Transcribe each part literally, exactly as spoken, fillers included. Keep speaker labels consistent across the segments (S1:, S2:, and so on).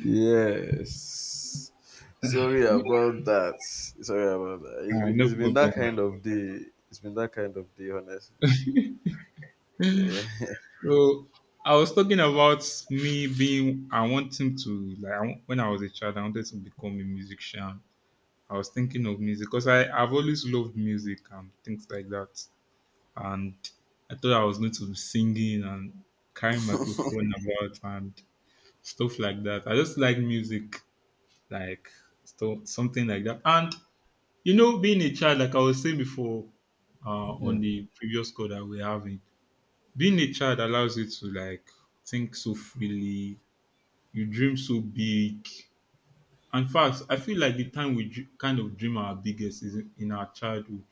S1: Yes. Sorry about that. Sorry about that. It's
S2: Uh,
S1: been,
S2: no
S1: it's been that
S2: problem.
S1: kind of day. It's been that kind of day, honestly. Yeah.
S2: So I was talking about me being. I wanting to like I wa- when I was a child, I wanted to become a musician. I was thinking of music because I I've always loved music and things like that. And I thought I was going to be singing and carrying microphone about and stuff like that. I just like music, like stuff something like that. And you know, being a child, like I was saying before, uh,
S1: Yeah.
S2: on the previous call that we're having. Being a child allows you to like think so freely, you dream so big. In fact, I feel like the time we dr- kind of dream our biggest is in in our childhood.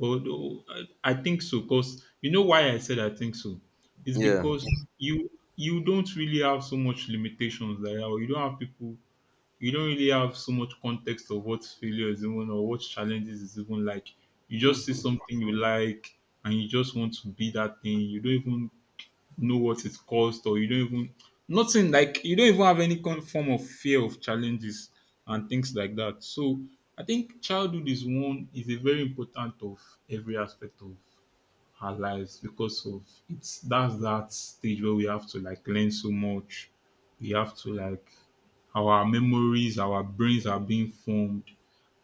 S2: Although I I think so, because you know why I said I think so? It's
S1: Yeah.
S2: because you you don't really have so much limitations like that, or you don't have people you don't really have so much context of what failure is even or what challenges is even like. You just see something you like and you just want to be that thing. You don't even know what it costs or you don't even nothing like you don't even have any kind form of fear of challenges and things like that. So I think childhood is one is a very important of every aspect of our lives because of it's that's that stage where we have to like learn so much. We have to like our memories, our brains are being formed.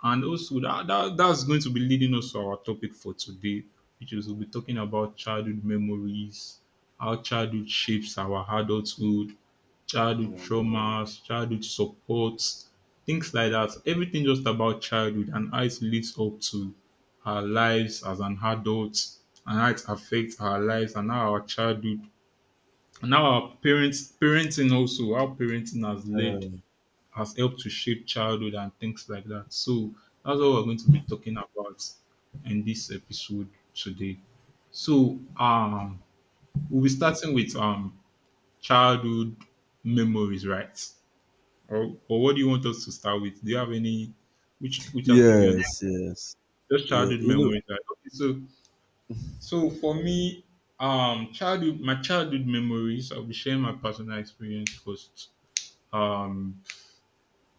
S2: And also that, that that's going to be leading us to our topic for today, which is we'll be talking about childhood memories, how childhood shapes our adulthood, childhood
S1: Yeah.
S2: traumas, childhood supports, things like that. Everything just about childhood and how it leads up to our lives as an adult and how it affects our lives and how our childhood and how our parents parenting also how parenting has led
S1: Um,
S2: has helped to shape childhood and things like that. So that's what we're going to be talking about in this episode today. So um we'll be starting with um childhood memories, right? Or, or what do you want us to start with? Do you have any which which aspect do you want?
S1: Yes. Yes.
S2: Just
S1: Yeah.
S2: childhood
S1: You
S2: memories, right? Okay, so so for me, um, childhood, my childhood memories. I'll be sharing my personal experience first. Um,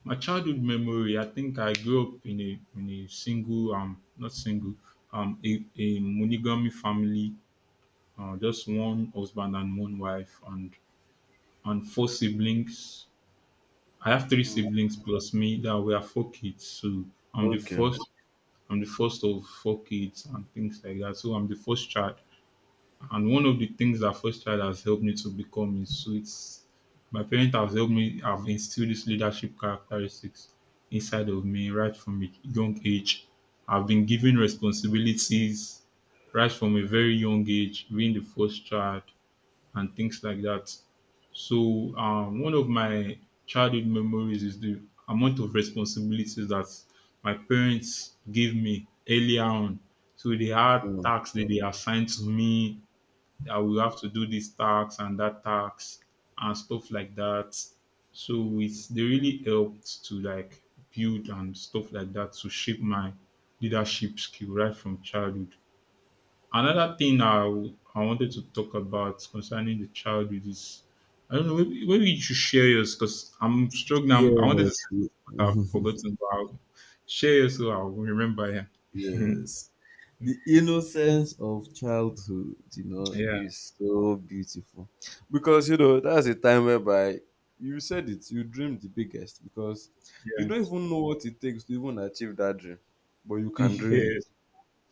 S2: my childhood memory. I think I grew up in a in a single um not single um a, a monogamy family. Uh, just one husband and one wife and and four siblings. I have three
S1: know. Mm.
S2: siblings plus me. That we are four kids. So I'm the
S1: Okay.
S2: first. I'm the first of four kids and things like that. So I'm the first child. And one of the things that first child has helped me to become is so it's my parents have helped me have instilled this leadership characteristics inside of me right from a young age. I've been given responsibilities right from a very young age, being the first child and things like that. So um, one of my childhood memories is the amount of responsibilities that my parents gave me earlier on. So they had
S1: Mm.
S2: tasks that they assigned to me. I will have to do this tax and that tax and stuff like that. So it's they really helped to like build and stuff like that to shape my leadership skill right from childhood. Another thing I w- I wanted to talk about concerning the childhood is I don't know maybe, maybe you should share yours because I'm struggling. I'm, I wanted to
S1: yes.
S2: say something but I've forgotten, but I'll share yours so I'll remember. Yeah,
S1: Yes. The innocence of childhood, you know,
S2: yeah,
S1: is so beautiful. Because, you know, that's a time whereby you said it, you dreamed the biggest because
S2: yeah,
S1: you don't even know what it takes to even achieve that dream, but you can dream
S2: yeah,
S1: it.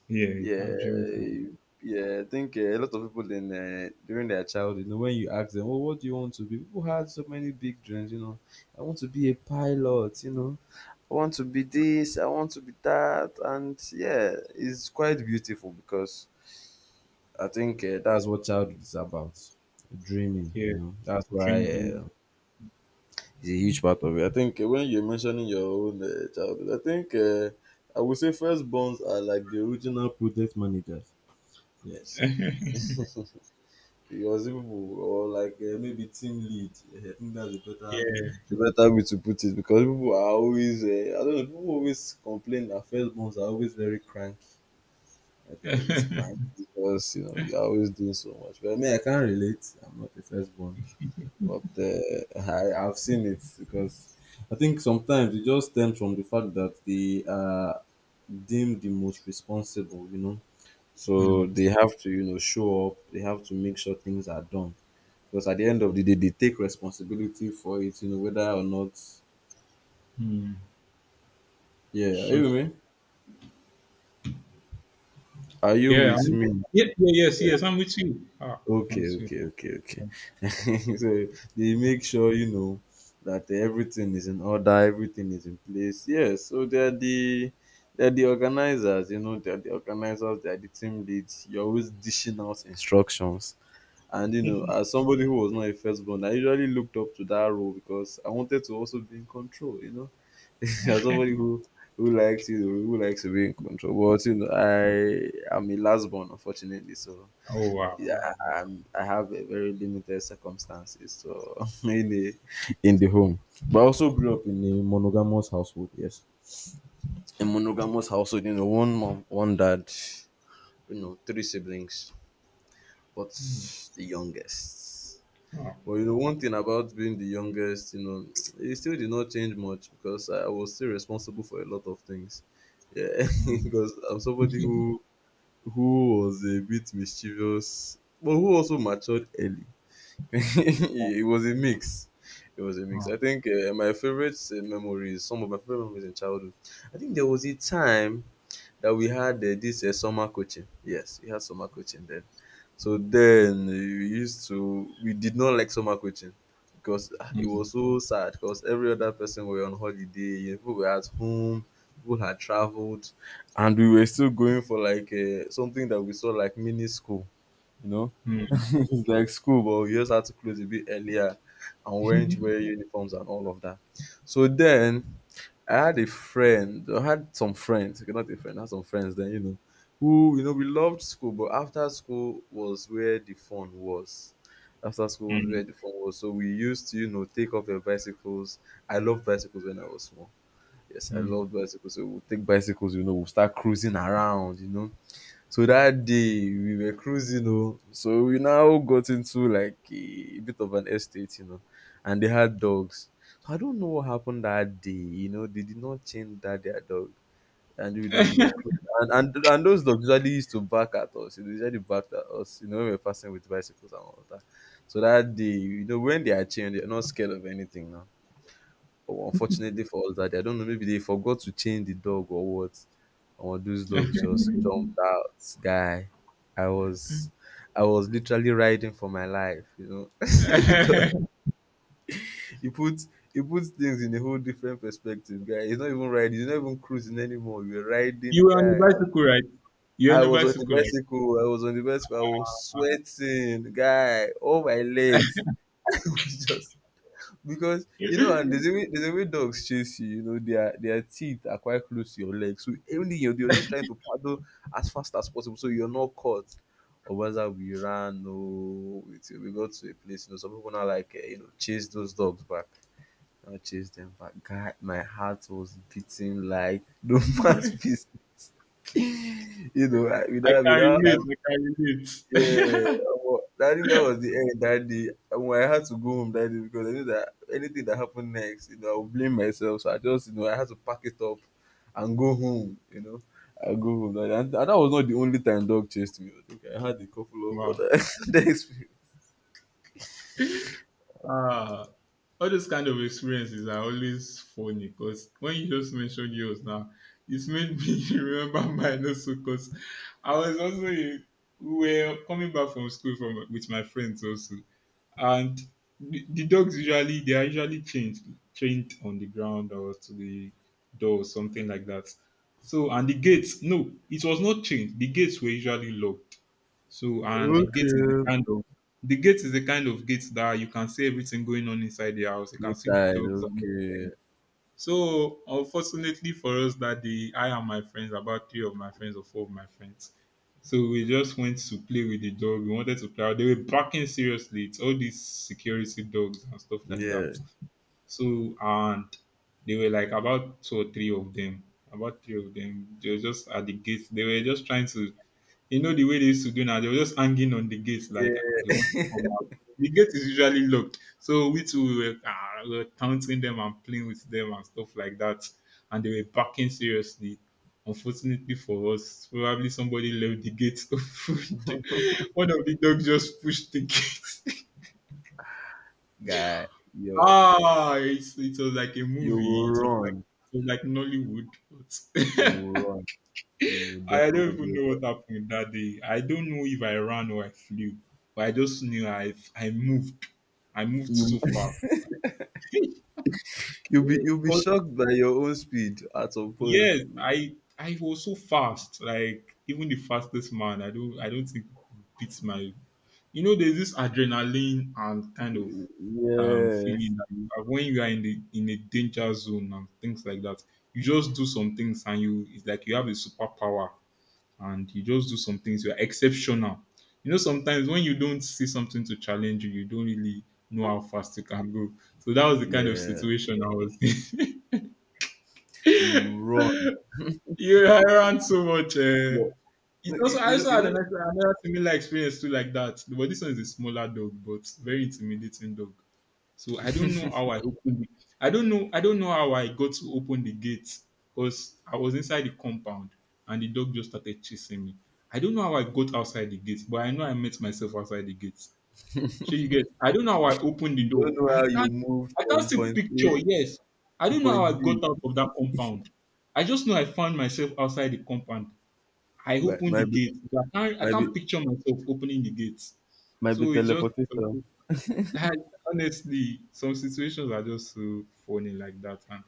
S2: yeah. You
S1: Yeah,
S2: can dream. It.
S1: yeah. I think uh, a lot of people in uh, during their childhood, you know, when you ask them, "Oh, what do you want to be?" People had so many big dreams. You know, I want to be a pilot. You know, I want to be this. I want to be that. And yeah, it's quite beautiful because I think uh, that's what childhood is about, dreaming. You
S2: Yeah.
S1: know, that's why
S2: Drinking.
S1: uh, it's a huge part of it. I think uh, when you're mentioning your own uh, childhood, I think uh, I would say firstborns are like the original project managers. Yes. He was able or like uh, maybe team lead. Eh, I think that's a better
S2: Yeah.
S1: a better way to put it because people are always uh, I don't know people always complain that firstborns are always very cranky. That they are always cranky because you know they are always doing so much. But I mean I can't relate. I'm not a firstborn, but uh, I I've seen it because I think sometimes it just stems from the fact that they are deemed the most responsible. You know. So
S2: Mm.
S1: they have to, you know, show up. They have to make sure things are done because at the end of the day, they take responsibility for it, you know, whether or not.
S2: Mm.
S1: Yeah, are
S2: So
S1: you with me? Are you
S2: yeah,
S1: with
S2: I'm,
S1: me?
S2: yeah, yeah, yes,
S1: Yeah.
S2: yes, I'm with you. Ah, I'm
S1: Okay,
S2: with you.
S1: okay, okay, okay. so they make sure you know that everything is in order, everything is in place. Yeah, so they're the they're the organizers, you know, they're the organizers, they're the team leads. You're always dishing out instructions. And you know, as somebody who was not a firstborn, I usually looked up to that role because I wanted to also be in control, you know. as somebody who who likes, you know, who likes to be in control, but you know, I am a last born, unfortunately. So
S2: Oh wow.
S1: yeah,
S2: That-
S1: I- I'm, I have a very limited circumstances. So in the in the home, but I also grew up in a monogamous household. Yes, a monogamous household. You know, one mom, one dad. You know, three siblings, but the youngest.
S2: wow.
S1: But you know, one thing about being the youngest, you know, it still did not change much because I was still responsible for a lot of things. Yeah,
S2: Mm.
S1: because I'm somebody who who was a bit mischievous, but who also matured early. it was a mix. It was a mix.
S2: Wow.
S1: I think uh, my favorite uh, memories, some of my favorite memories in childhood. I think there was a time that we had uh, this uh, summer coaching. Yes, we had summer coaching then. So then uh, we used to we did not like summer coaching because ah, it
S2: Mm.
S1: was so sad because every other person were on holiday, people were at home, people had traveled, and we were still going for like uh, something that we saw like mini school, you know.
S2: Mm.
S1: it's like school, but you just had to close a bit earlier and weren't wear uniforms and all of that. So then I had a friend, I had some friends, okay, not a friend, I had some friends then, you know, who, you know, we loved school, but after school was where the fun was. After school was
S2: Mm.
S1: where the fun was. So we used to, you know, take off your bicycles. I loved bicycles when I was small. Yes, I
S2: Mm.
S1: loved bicycles. So we'll take bicycles, you know, we'll start cruising around, you know. So that day we were cruising, oh, so we now got into like a bit of an estate, you know, and they had dogs. So I don't know what happened that day, you know, they did not change that their dog, and you know, we were cru- and and and those dogs usually used to bark at us, you know, they usually barked at us, you know, when we were passing with bicycles and all that. So that day, you know, when they are chained, they're not scared of anything now. But unfortunately for us that day, I don't know, maybe they forgot to chain the dog or what, or those dogs just jumped out, guy. I was i was literally riding for my life, you know. Because, you put you put things in a whole different perspective, guy. It's not even riding, you're not even cruising anymore, you're
S2: You
S1: riding,
S2: were on a
S1: guy.
S2: bicycle, right? You were on
S1: I
S2: a
S1: was on the
S2: bicycle,
S1: bicycle I was on the bicycle I was sweating, guy. All my legs. It was just because, you
S2: right?
S1: know, and there's a way there's a way dogs chase you, you know, their their teeth are quite close to your legs. So anything, you're, you're just trying to paddle as fast as possible so you're not caught. Or whether we ran or we, we got to a place, you know. Some people now like, eh, you know, chase those dogs back. I chase them back. God, my heart was beating like the man's business. You know, I,
S2: I
S1: without
S2: can
S1: without
S2: relate. I can
S1: Yeah,
S2: relate.
S1: omo, I think that was the end that day. Omo, I had to go home that day because I knew that anything that happened next, you know, I would blame myself. So I just, you know, I had to pack it up and go home. You know, I go home. Like, And, and that was not the only time dog chased me. I think I had a couple of
S2: wow.
S1: other other experiences.
S2: Ah, all those kind of experiences are always funny because when you just mentioned yours now, it's made me remember mine also because I was also in, we were coming back from school from with my friends also, and the, the dogs usually they are usually chained chained on the ground or to the door or something like that. So and the gates no, it was not chained. The gates were usually locked. So and the gate is the
S1: Okay.
S2: kind of the gate is a kind of gate that you can see everything going on inside the house. You can see the
S1: Inside,
S2: dogs and
S1: okay,
S2: everything. So unfortunately for us that day, I and my friends, about three of my friends or four of my friends. So we just went to play with the dog. We wanted to play. Out. They were barking seriously. It's all these security dogs and stuff like
S1: yeah,
S2: that. So and they were like about two or three of them. About three of them. They were just at the gate. They were just trying to you know the way they used to do now, they were just hanging on the gate like they want
S1: yeah,
S2: to come out. The gate is usually locked. So we two we were, ah, we were taunting them and playing with them and stuff like that. And they were barking seriously. Unfortunately for us, probably somebody left the gate open. One of the dogs just pushed the gate.
S1: guy, yo,
S2: ah, it's, it was like a
S1: you will
S2: movie. It was like
S1: run,
S2: it was like Nollywood.
S1: you will
S2: But
S1: run, you will
S2: I don't even
S1: definitely
S2: know
S1: run.
S2: what happened that day. I don't know if I ran or I flew, but I just knew I I moved. I moved
S1: You
S2: so fast.
S1: You'll be you'll be
S2: 'Cause
S1: shocked by your own speed at some point.
S2: yes, I I was so fast. Like even the fastest man, I don't I don't think beats my. You know, there's this adrenaline and kind of um
S1: Yes,
S2: feeling that you have when you are in the in a danger zone and things like that. You just do some things and you it's like you have a superpower and you just do some things. You are exceptional. You know, sometimes when you don't see something to challenge you, you don't really know how fast you can go. So that was the kind of
S1: yeah.
S2: situation I was in.
S1: You run.
S2: You ran so much. Uh,
S1: You
S2: It's
S1: know
S2: also I
S1: you know
S2: also
S1: you
S2: had
S1: know
S2: another, another similar experience too like that. But this one is a smaller dog, but very intimidating dog. So I don't know how I opened. It. I don't know. I don't know how I got to open the gate because I was inside the compound and the dog just started chasing me. I don't know how I got outside the gate, but I know I met myself outside the gate. So you get. I don't know how I opened the
S1: you don't
S2: door.
S1: know
S2: I
S1: how you
S2: can't.
S1: move
S2: I can't
S1: from
S2: see
S1: point A
S2: picture. Yes, I
S1: to
S2: don't know
S1: point
S2: how I got
S1: B.
S2: out of that compound. I just know I found myself outside the compound. I
S1: Might
S2: open the
S1: might be
S2: gate. I can't, I
S1: might be
S2: can't picture myself opening the gate.
S1: might be
S2: So it's just
S1: teleportation.
S2: I, honestly, some situations are just so funny like that. And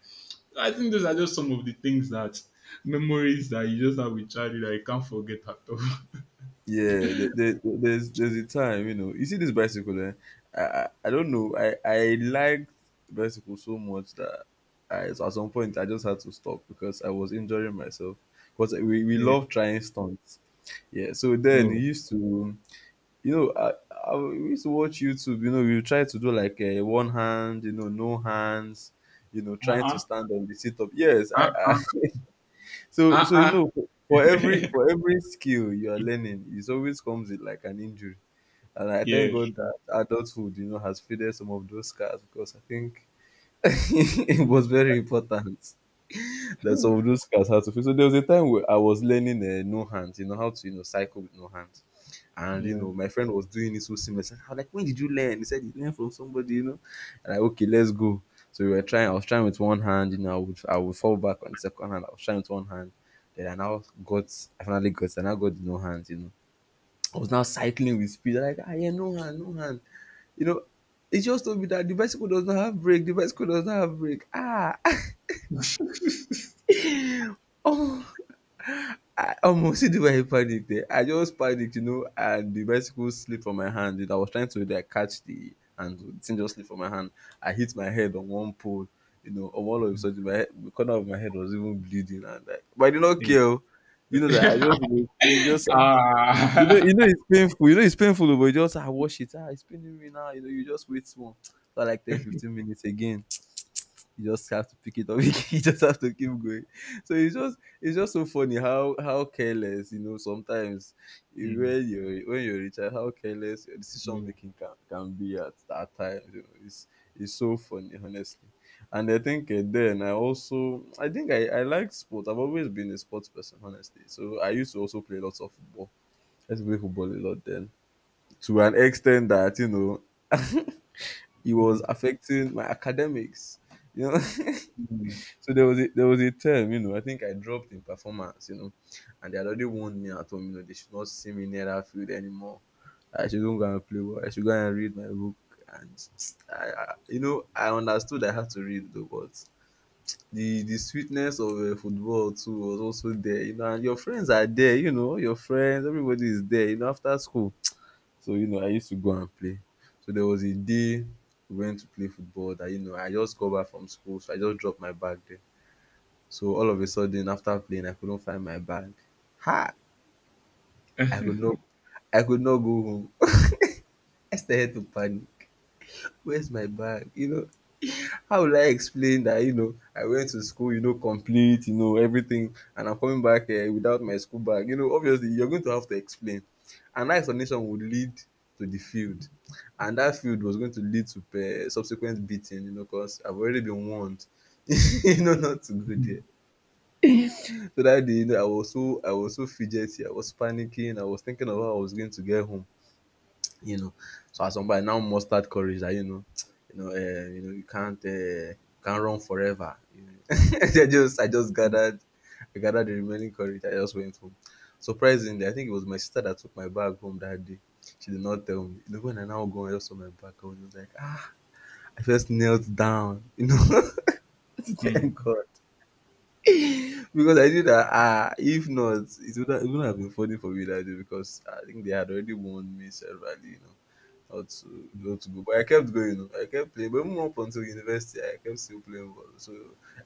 S2: I think those are just some of the things that memories that you just have with childhood that you can't forget at all.
S1: Yeah, there, there, there's there's a time, you know. You see this bicycle, eh? I, I I don't know. I I liked bicycle so much that, I, at some point, I just had to stop because I was injuring myself. Because we, we
S2: yeah.
S1: love trying stunts. Yeah, so then he
S2: Oh.
S1: used to, you know, I, I we used to watch YouTube. You know, we would try to do like a one hand, you know, no hands, you know, trying to
S2: Uh-uh.
S1: stand on the sit up. Yes, I, I so
S2: Uh
S1: so you
S2: uh.
S1: know, for every for every skill you are learning, it always comes with like an injury. And I thank
S2: Yeah.
S1: God
S2: Sure.
S1: that adulthood, you know, has faded some of those scars because I think it was very important that some of those scars had to feel. So there was a time where I was learning uh, no hands, you know, how to, you know, cycle with no hands. And you
S2: Yeah.
S1: know, my friend was doing it so seamlessly. I was like, when did you learn? He said he learned from somebody, you know. And I, okay, let's go. So we were trying, I was trying with one hand, you know, I would I would fall back on the second hand, I was trying with one hand. Then I now got I finally got I now got the no hand, you know. I was now cycling with speed. I'm Like, ah yeah, no hand, no hand. You know, it just told me that the bicycle does not have brake, the bicycle does not have brake. Ah oh, I almost see the way I panicked, eh, I just panicked, you know, and the bicycle slipped from my hand. I was trying to like catch the handle, the thing just slipped from my hand. I hit my head on one pole, you know, on all of a sudden, my head, the corner of my head was even bleeding and like, but I did not care oh. You know that I
S2: Yeah.
S1: just, you know, you just ah you know you
S2: Ah.
S1: know it's painful, you know, it's painful oh, but you just ah wash it, ah it's paining me now, you know, you just wait small for like ten, fifteen minutes again, you just have to pick it up. you just have to keep going. So it's just it's just so funny how how careless, you know, sometimes you-
S2: Mm,
S1: when you're when you're a child, how careless your decision
S2: yeah.
S1: making can, can be at that time. You know, it's it's so funny honestly. And I think uh, then I also I think I I like sports. I've always been a sports person honestly. So I used to also play lots of football. I used to play football a lot then to an extent that you know it was
S2: Mm,
S1: affecting my academics. You know.
S2: mm,
S1: So there was a there was a term, you know, I think I dropped in performance, you know, and they had already warned me at home, you know, they should not see me near that field anymore. I shouldn't go and play ball. I should go and read my book. And I, I you know, I understood I had to read though, but the the sweetness of uh, football too was also there, you know. And your friends are there, you know, all your friends, everybody is there, you know, after school. So you know, I used to go and play. So there was a day we went to play football that you know I just got back from school, so I just dropped my bag there. So all of a sudden, after playing, I couldn't find my bag. Ha! I could not, I could not go home. I started to panic. Where's my bag? You know, how will I explain that? You know, I went to school. You know, complete. You know, everything, and I'm coming back here without my school bag. You know, obviously, you're going to have to explain, and that explanation would lead to the field, and that field was going to lead to uh, subsequent beating. You know, because I've already been warned. You know, not to go
S2: mm,
S1: there. So that day, you know, I was so I was so fidgety, I was panicking, I was thinking of how I was going to get home, you know. So as somebody point, I now mustered courage that you know, you know, uh, you know, you can't uh, can't run forever. You know? I just I just gathered I gathered the remaining courage. I just went home. Surprisingly, I think it was my sister that took my bag home that day. She did not tell me. You know, when I now go and just saw my bag, I was just like, ah, I just knelt down. You know, thank
S2: mm,
S1: God. Because I knew that, ah, if not, it would it wouldn't have been funny for me that day because I think they had already warned me severally, you know, not to,
S2: mm.
S1: not to go. But I kept going, you know, I kept playing. But even up until university, I kept still playing ball. So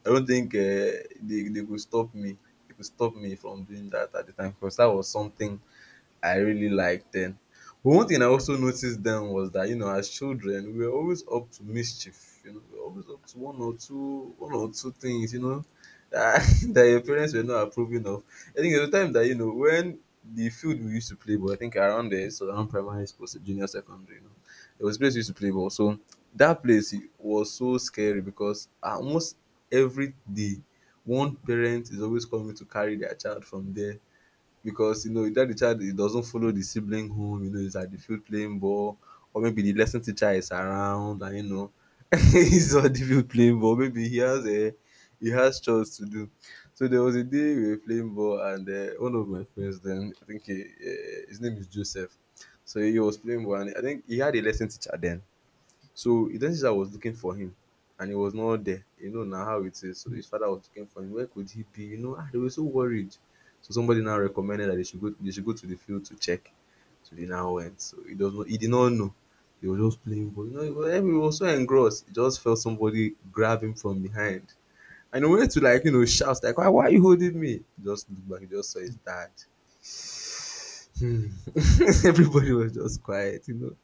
S1: I don't think uh, they, they could stop me. They could stop me from doing that at the time because that was something I really liked then. But one thing I also noticed then was that, you know, as children, we were always up to mischief. You know, we were always up to one or two, one or two things. You know, that, that your parents were not approving of. I think at the time that you know when the field we used to play ball, I think around there, so around primary school, so junior secondary, you know, there was a place we used to play ball. So that place it was so scary because almost every day, one parent is always coming to carry their child from there because you know that the child it doesn't follow the sibling home, you know, he's at the field playing ball. Or maybe the lesson teacher is around and you know he's on the field playing ball, maybe he has a he has chores to do. So there was a day we were playing ball and uh, one of my friends then, I think he, uh, his name is Joseph. So he was playing ball and I think he had a lesson teacher then. So it then, elder I was looking for him and he was not there. You know now how it is. So his father was looking for him. Where could he be? You know, ah, they were so worried. So somebody now recommended that they should go they should go to the field to check. So they now went. So he does not he did not know. He was just playing ball. You know, he was, he was so engrossed. He just felt somebody grab him from behind. And he wanted to, like, you know, shout like, why, why are you holding me? He just looked back, he just saw his dad. Hmm. Everybody was just quiet, you know.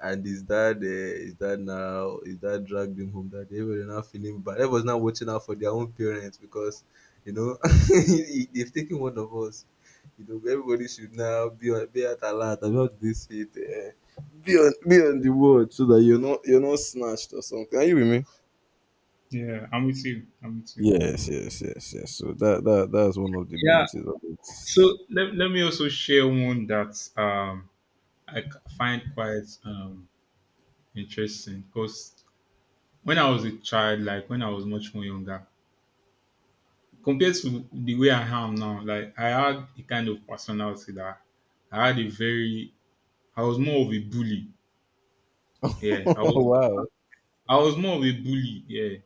S1: And his dad, eh, his dad now, his dad dragged him home that day. Everybody now feeling bad. Everybody's now watching out for their own parents because, you know, if they've taken one of us. You know, everybody should now be on, be at alert about this shit. Eh, be on, be on the word so that you're not, you're not snatched or something. Are you with me?
S2: Yeah, I'm with you. I'm with you.
S1: Yes, yes, yes, yes. So that, that, that's one of the
S2: Yeah.
S1: beauties of it.
S2: So let, let me also share one that um, I c- find quite um, interesting because when I was a child, like when I was much more younger, compared to the way I am now, like I had a kind of personality that I had a very, I was more of a bully. Yeah, I
S1: Oh
S2: was,
S1: wow.
S2: I was more of a bully. Yeah,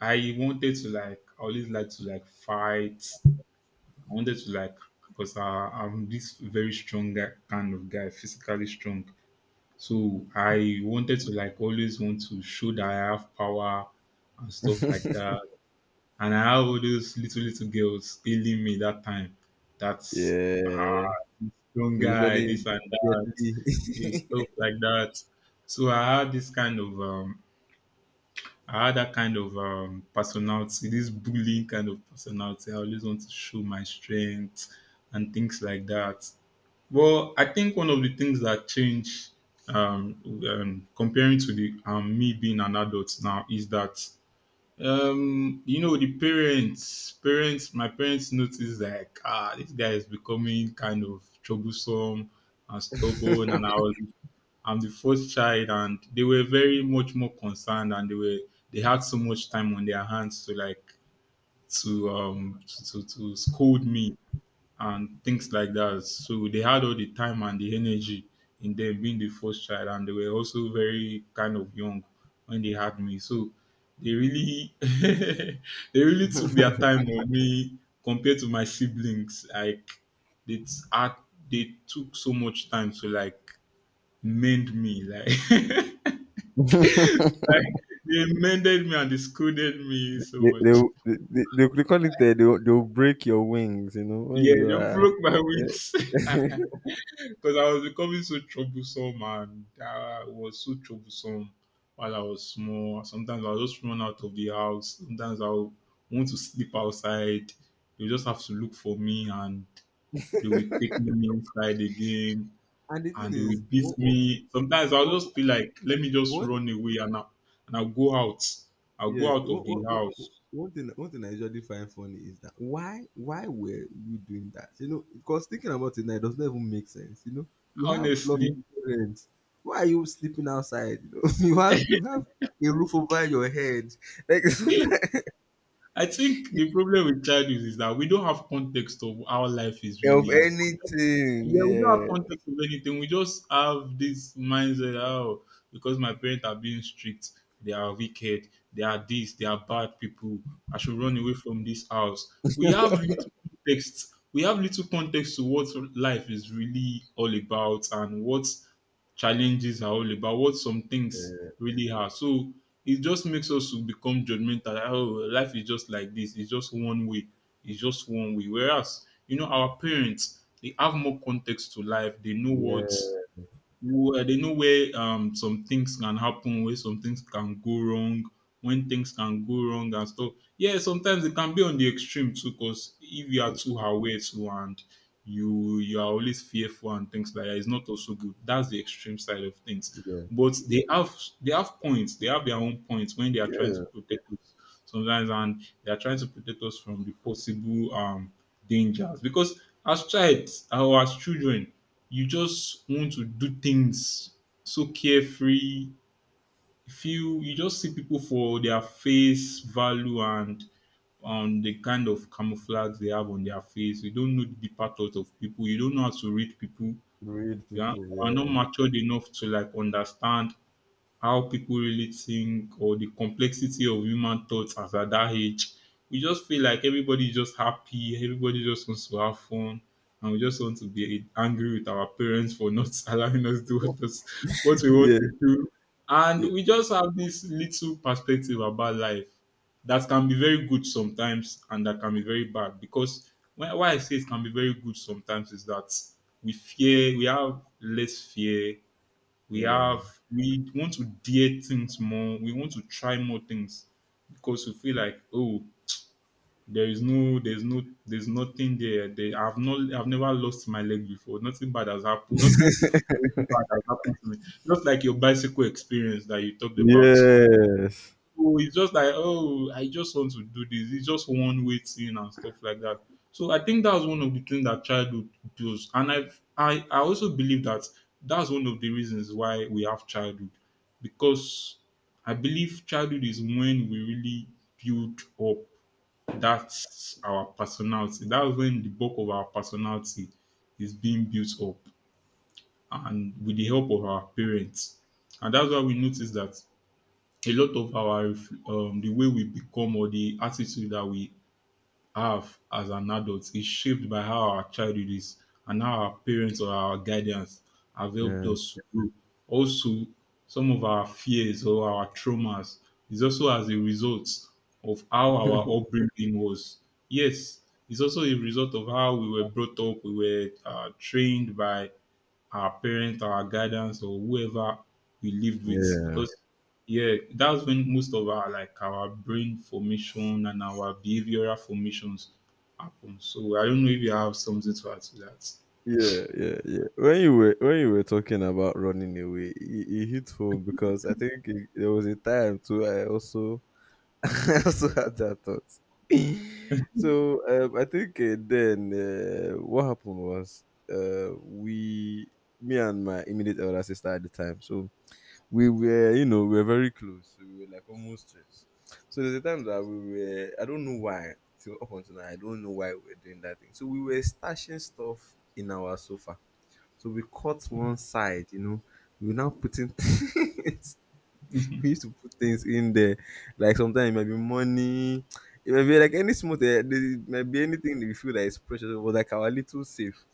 S2: I wanted to like, I always like to like fight. I wanted to like, because I, I'm this very strong guy, kind of guy, physically strong. So I wanted to like always want to show that I have power and stuff like that. And I have all those little little girls hailing me that time. That's ah
S1: Yeah.
S2: young
S1: We call
S2: guy,
S1: it
S2: this and that,
S1: gently.
S2: and stuff like that. So I had this kind of um I had that kind of um personality, this bullying kind of personality. I always want to show my strength and things like that. Well, I think one of the things that changed um, um, comparing to the um, me being an adult now is that um, you know the parents, parents, my parents noticed like ah, this guy is becoming kind of troublesome and stubborn, and I was I'm the first child, and they were very much more concerned, and they were they had so much time on their hands to like to um to to, to scold me and things like that. So they had all the time and the energy in them being the first child, and they were also very kind of young when they had me. So they really they really took their time on me compared to my siblings. Like they t- had, they took so much time to like mend me. Like like they mended me and they scolded me so
S1: They they
S2: much.
S1: will they they they they call it uh, they will they will break your wings, you know, when
S2: Yeah,
S1: you
S2: they
S1: are.
S2: broke my wings.
S1: Eh.
S2: Because I was becoming so troublesome and I was so troublesome while I was small. Sometimes I'll just run out of the house. Sometimes I'll want to sleep outside. They just have to look for me and they will take me inside again
S1: And the thing
S2: and they will
S1: is,
S2: beat
S1: what,
S2: me. Sometimes I'll
S1: what,
S2: just be like, let me just
S1: what
S2: run away and I'll, and I'll go out. I'll
S1: yeah,
S2: go out of
S1: what,
S2: the
S1: what, what,
S2: house.
S1: one thing, one thing I usually find funny is that why, why were we doing that? You know, because thinking about it now, it does not even make sense. You know, you have
S2: Honestly,
S1: loving parents. Why are you sleeping outside? You know, you have, you have a roof over your head, like
S2: I think the problem with childhood is that we don't have context of how life is
S1: of
S2: really.
S1: anything.
S2: Yeah, we don't have
S1: Yeah,
S2: context of anything. We just have this mindset. Oh, because my parents are being strict, they are wicked, they are this, they are bad people. I should run away from this house. We have little context. We have little context to what life is really all about and what challenges are all about, what some things really are. So it just makes us to become judgmental. Oh, life is just like this. It's just one way. It's just one way. Whereas, you know, our parents, they have more context to life. They know
S1: yeah,
S2: what well, they know where um some things can happen, where some things can go wrong, when things can go wrong and stuff. Yeah, sometimes it can be on the extreme too, because if you are too aware too and you you are always fearful and things like that, it's not also good. That's the extreme side of things.
S1: yeah,
S2: But they have they have points, they have their own points when they are trying to
S1: yeah.
S2: protect us sometimes and they are trying to protect us from the possible um dangers. Because as child or as children, you just want to do things so carefree. You feel you just see people for their face value and um the kind of camouflage they have on their face. You don't know the deeper thoughts of people. You don't know how to read people.
S1: Read
S2: You are, you
S1: people,
S2: are
S1: yeah.
S2: not matured enough to like understand how people really think or the complexity of human thoughts as at that age. We just feel like everybody's just happy, everybody just wants to have fun, and we just want to be angry with our parents for not allowing us to do what, us, what we want
S1: Yeah.
S2: to do. And
S1: Yeah.
S2: we just have this little perspective about life that can be very good sometimes and that can be very bad. Because why why I say it can be very good sometimes is that we fear, we have less fear, we
S1: Yeah.
S2: have, we want to dare things more, we want to try more things because we feel like, oh, there is no there's no there's nothing there. They I've not I've never lost my leg before. Nothing bad has happened. Nothing s- bad has happened to me, just like your bicycle experience that you talked about.
S1: Yes.
S2: Oh, it's just like, oh, I just want to do this. It's just one way thing and stuff like that. So I think that's one of the things that childhood does. And I've, I, I also believe that that's one of the reasons why we have childhood. Because I believe childhood is when we really build up, that's our personality. That's when the bulk of our personality is being built up and with the help of our parents. And that's why we notice that a lot of our ref- um, the way we become or the attitude that we have as an adult is shaped by how our childhood is and how our parents or our guidance have helped
S1: Yeah.
S2: us to grow. Also, some of our fears or our traumas is also as a result of how our upbringing was. Yes, it's also a result of how we were brought up. We were uh, trained by our parents, our guidance, or whoever we lived with.
S1: Yeah.
S2: Because yeah, that's when most of our like our brain formation and our behavioral formations happen. So I don't know if you have something to add to that.
S1: Yeah, yeah, yeah. When you were when you were talking about running away, it, it hit home because I think it, there was a time too. I also I also had that thought. So um, I think uh, then uh, what happened was uh, we me and my immediate elder sister at the time. So we were, you know, we were very close. We were like almost friends. So there's a time that we were, I don't know why, till up until now, I don't know why we were doing that thing. So we were stashing stuff in our sofa. So we cut one side, you know, we were now putting things, we used to put things in there. Like sometimes it might be money, it might be like any small thing, there might be anything that we feel that is precious. It was like our little safe.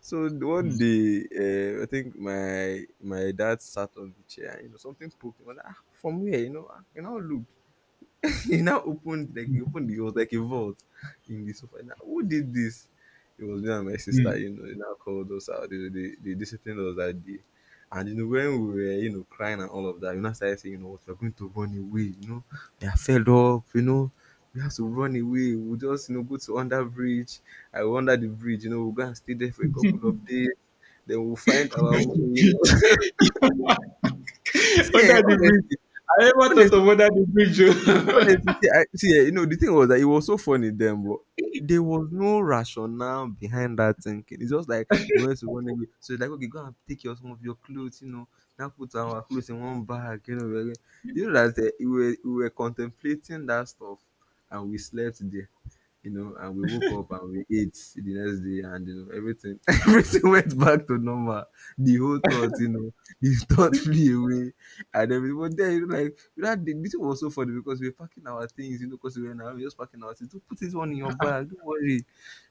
S1: So one
S2: Mhm.
S1: day, uh, I think my my dad sat on the chair and you know something poked him. I was like, ah, from where? You know, ah, you know, look he now opened, like he opened, it was like a vault in the sofa. Now, who did this? It was me and my
S2: Mm.
S1: sister,
S2: Mm.
S1: you know, they now called us out. They, they, they disciplined us that day. And you know, when we were, you know, crying and all of that, you know, started saying, you know what, we're going to run away, you know, we are fed up, you know, we have to run away. We'll just, you know, go to under bridge. I will under the bridge, you know, we'll go and stay there for a couple of days, then we'll find our way,
S2: Under
S1: you know. See, eh,
S2: the bridge.
S1: honestly,
S2: I never thought
S1: honestly,
S2: of under the bridge.
S1: honestly,
S2: Oh.
S1: see, I, see, eh, you know, the thing was that it was so funny then, but there was no rationale behind that thinking. It's just like we went to one day, so it's like, okay, go and take your some of your clothes, you know, now put our clothes in one bag, you know, we're like- you know that eh, we were, we were contemplating that stuff, and we slept there you know, and we woke up and we ate the next day, and you know, everything everything went back to normal. The whole thought, you know, the thought flew away, and everything. But then, you know, like that, the, this was so funny because we were packing our things, you know, because we were now we were just packing our things. Don't put this one in your bag. Don't worry,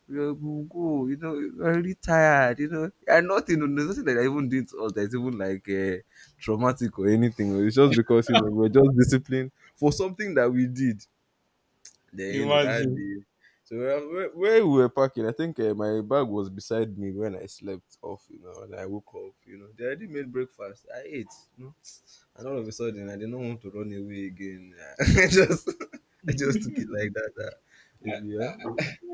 S1: we'll, we'll go. You know, we're really tired. You know, and nothing. You know, there's nothing that I even did to us that's even like uh, traumatic or anything. It's just because you know we we're just disciplined for something that we did then you know that
S2: Imagine.
S1: day. So uh, where, where we were parking, I think uh, my bag was beside me when I slept off. You know, and I woke up. You know, they already made breakfast. I ate. You know, and all of a sudden, I did not want to run away again. I just, I just took it like that. Uh, maybe, yeah.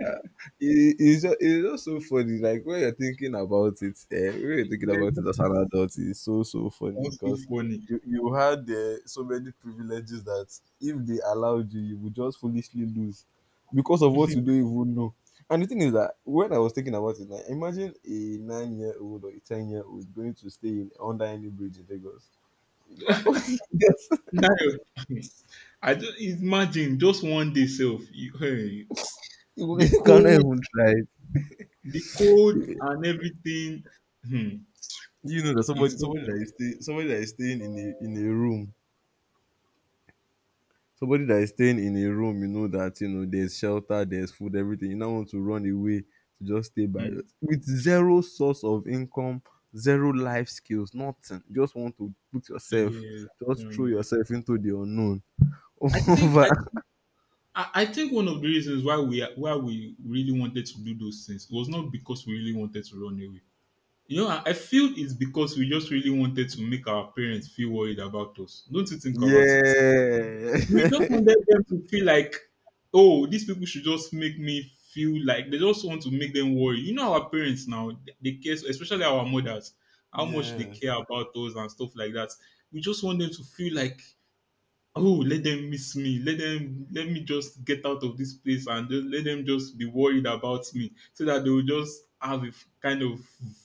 S1: Uh, it, it's, just, it's just so funny. Like when you're thinking about it, eh, when you're thinking
S2: Yeah,
S1: about it
S2: just
S1: as an adult, it's so so funny
S2: sounds so
S1: because
S2: funny.
S1: you you had uh, so many privileges that if they allowed you, you would just foolishly lose because of what you don't even know. And the thing is that when I was thinking about it, like imagine a nine year old or a ten year old going to stay in under any bridge in Lagos. You, are, Yes.
S2: Now, I just imagine just one day self. You, hey,
S1: You,
S2: the
S1: you cannot
S2: code,
S1: even try
S2: the code,
S1: it.
S2: and everything. Hmm.
S1: You know that
S2: It's
S1: somebody
S2: so
S1: somebody that is stay somebody that is staying in a in a room, somebody that is staying in a room you know that, you know, there's shelter, there's food, everything. You now want to run away to just stay by your-
S2: hmm.
S1: with zero source of income, zero life skills, nothing. You just want to put yourself,
S2: Yes.
S1: just throw
S2: Genuinely.
S1: yourself into the unknown.
S2: I think
S1: Over.
S2: I, I I think one of the reasons why we are- why we really wanted to do those things was not because we really wanted to run away. You know, I, I feel it's because we just really wanted to make our parents feel worried about us. Don't you think about it? We just
S1: Yeah.
S2: wanted them to feel like, oh, these people should just make me feel like they just want to make them worry. You know, our parents now, they care, especially our mothers, how much they care
S1: Yes.
S2: about us and stuff like that. We just want them to feel like, oh, let them miss me, let them, let me just get out of this place and just, let them just be worried about me so that they will just have a f- kind of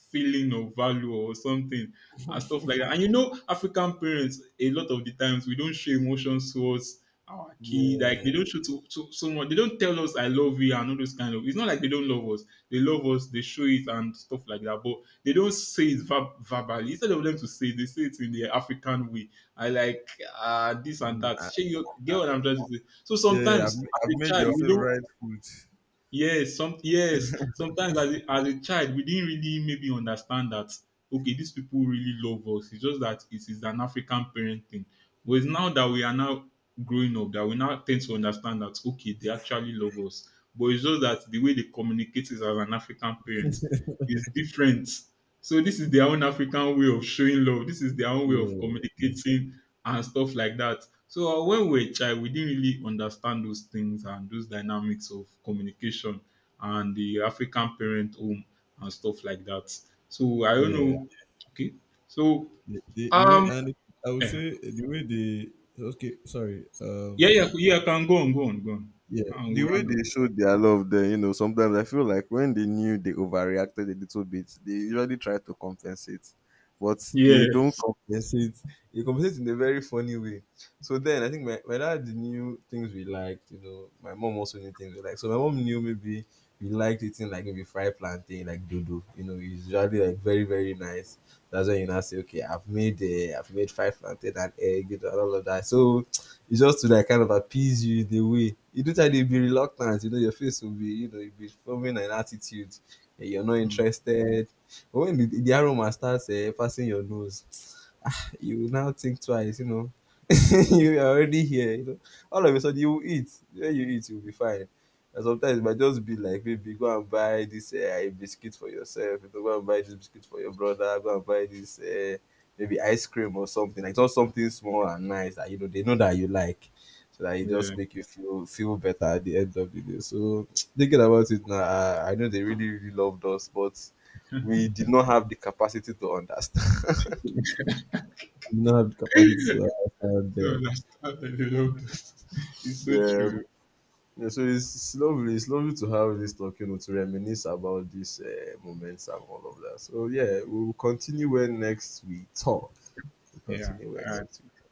S2: feeling of value or something and stuff like that. And you know, African parents, a lot of the times we don't show emotions towards our kid. Like they
S1: Yeah.
S2: don't show to, to someone, they don't tell us I love you and all those kind of, it's not like they don't love us. They love us, they show it and stuff like that, but they don't say it ver- verbally. Instead of them to say it, they say it in the African way. I like uh, this and that.
S1: Ah,
S2: Shey, you get what I'm trying to say? So
S1: yeah.
S2: sometimes
S1: I've, I've
S2: as a
S1: made your
S2: child, we don't.
S1: favorite food.
S2: Yes, some, yes. Sometimes as a, as a child, we didn't really maybe understand that. Okay, these people really love us. It's just that it is an African parent thing. But it's now that we are now growing up that we now tend to understand that okay, they actually love us. But it's just that the way they communicate is as an African parent is different. So this is their own African way of showing love. This is their own way of
S1: Yeah.
S2: communicating and stuff like that. So uh, when we were a child, we didn't really understand those things and those dynamics of communication and the African parent home and stuff like that. So I don't
S1: Yeah.
S2: know. Okay. So
S1: The, the, the way,
S2: um
S1: and I would
S2: yeah,
S1: say the way they, okay, sorry.
S2: yeah,
S1: Um,
S2: yeah, yeah, can go on, go on, go on,
S1: yeah,
S2: and
S1: the
S2: we'll
S1: way
S2: round up.
S1: they showed their love there, you know, sometimes I feel like when they knew they overreacted a little bit, they usually try to compensate, but they don't
S2: Yes.
S1: compensate. They compensate in a very funny way. So then I think my, my dad knew things we liked, you know, my mom also knew things we liked. So my mom knew, maybe we liked eating, like, maybe fried plantain, like dodo, you know, it's usually like very, very nice. That's when you now say, okay, I've made uh, I've made fried plantain and egg, you know, and all of that. So it's just to like kind of appease you in a way. You do that, they'll be reluctant. You know, your face will be, you know, you'll be forming an attitude. Eh, you're not
S2: Mm,
S1: interested. But when the, the aroma starts uh, passing your nose, ah, you will now think twice, you know. You are already here, you know. All of a sudden, you will eat. When you eat, you'll be fine. And sometimes it might just be like, maybe go and buy this uh, biscuit for yourself. You know, go and buy this biscuit for your brother. Go and buy this uh, maybe ice cream, or something like just something small and nice that you know they know that you like, so that it
S2: yeah.
S1: just make you feel feel better at the end of the day. So thinking about it now, I, I know they really really loved us, but we did not have the capacity to understand. We did not have the capacity to understand
S2: So I
S1: then.
S2: understand. I love this. It's so
S1: Yeah.
S2: true.
S1: Yeah, so it's, it's lovely. It's lovely to have this talk, you know, to reminisce about these uh, moments and all of that. So yeah, we will continue when next we talk. We'll
S2: Yeah.
S1: continue when next we talk.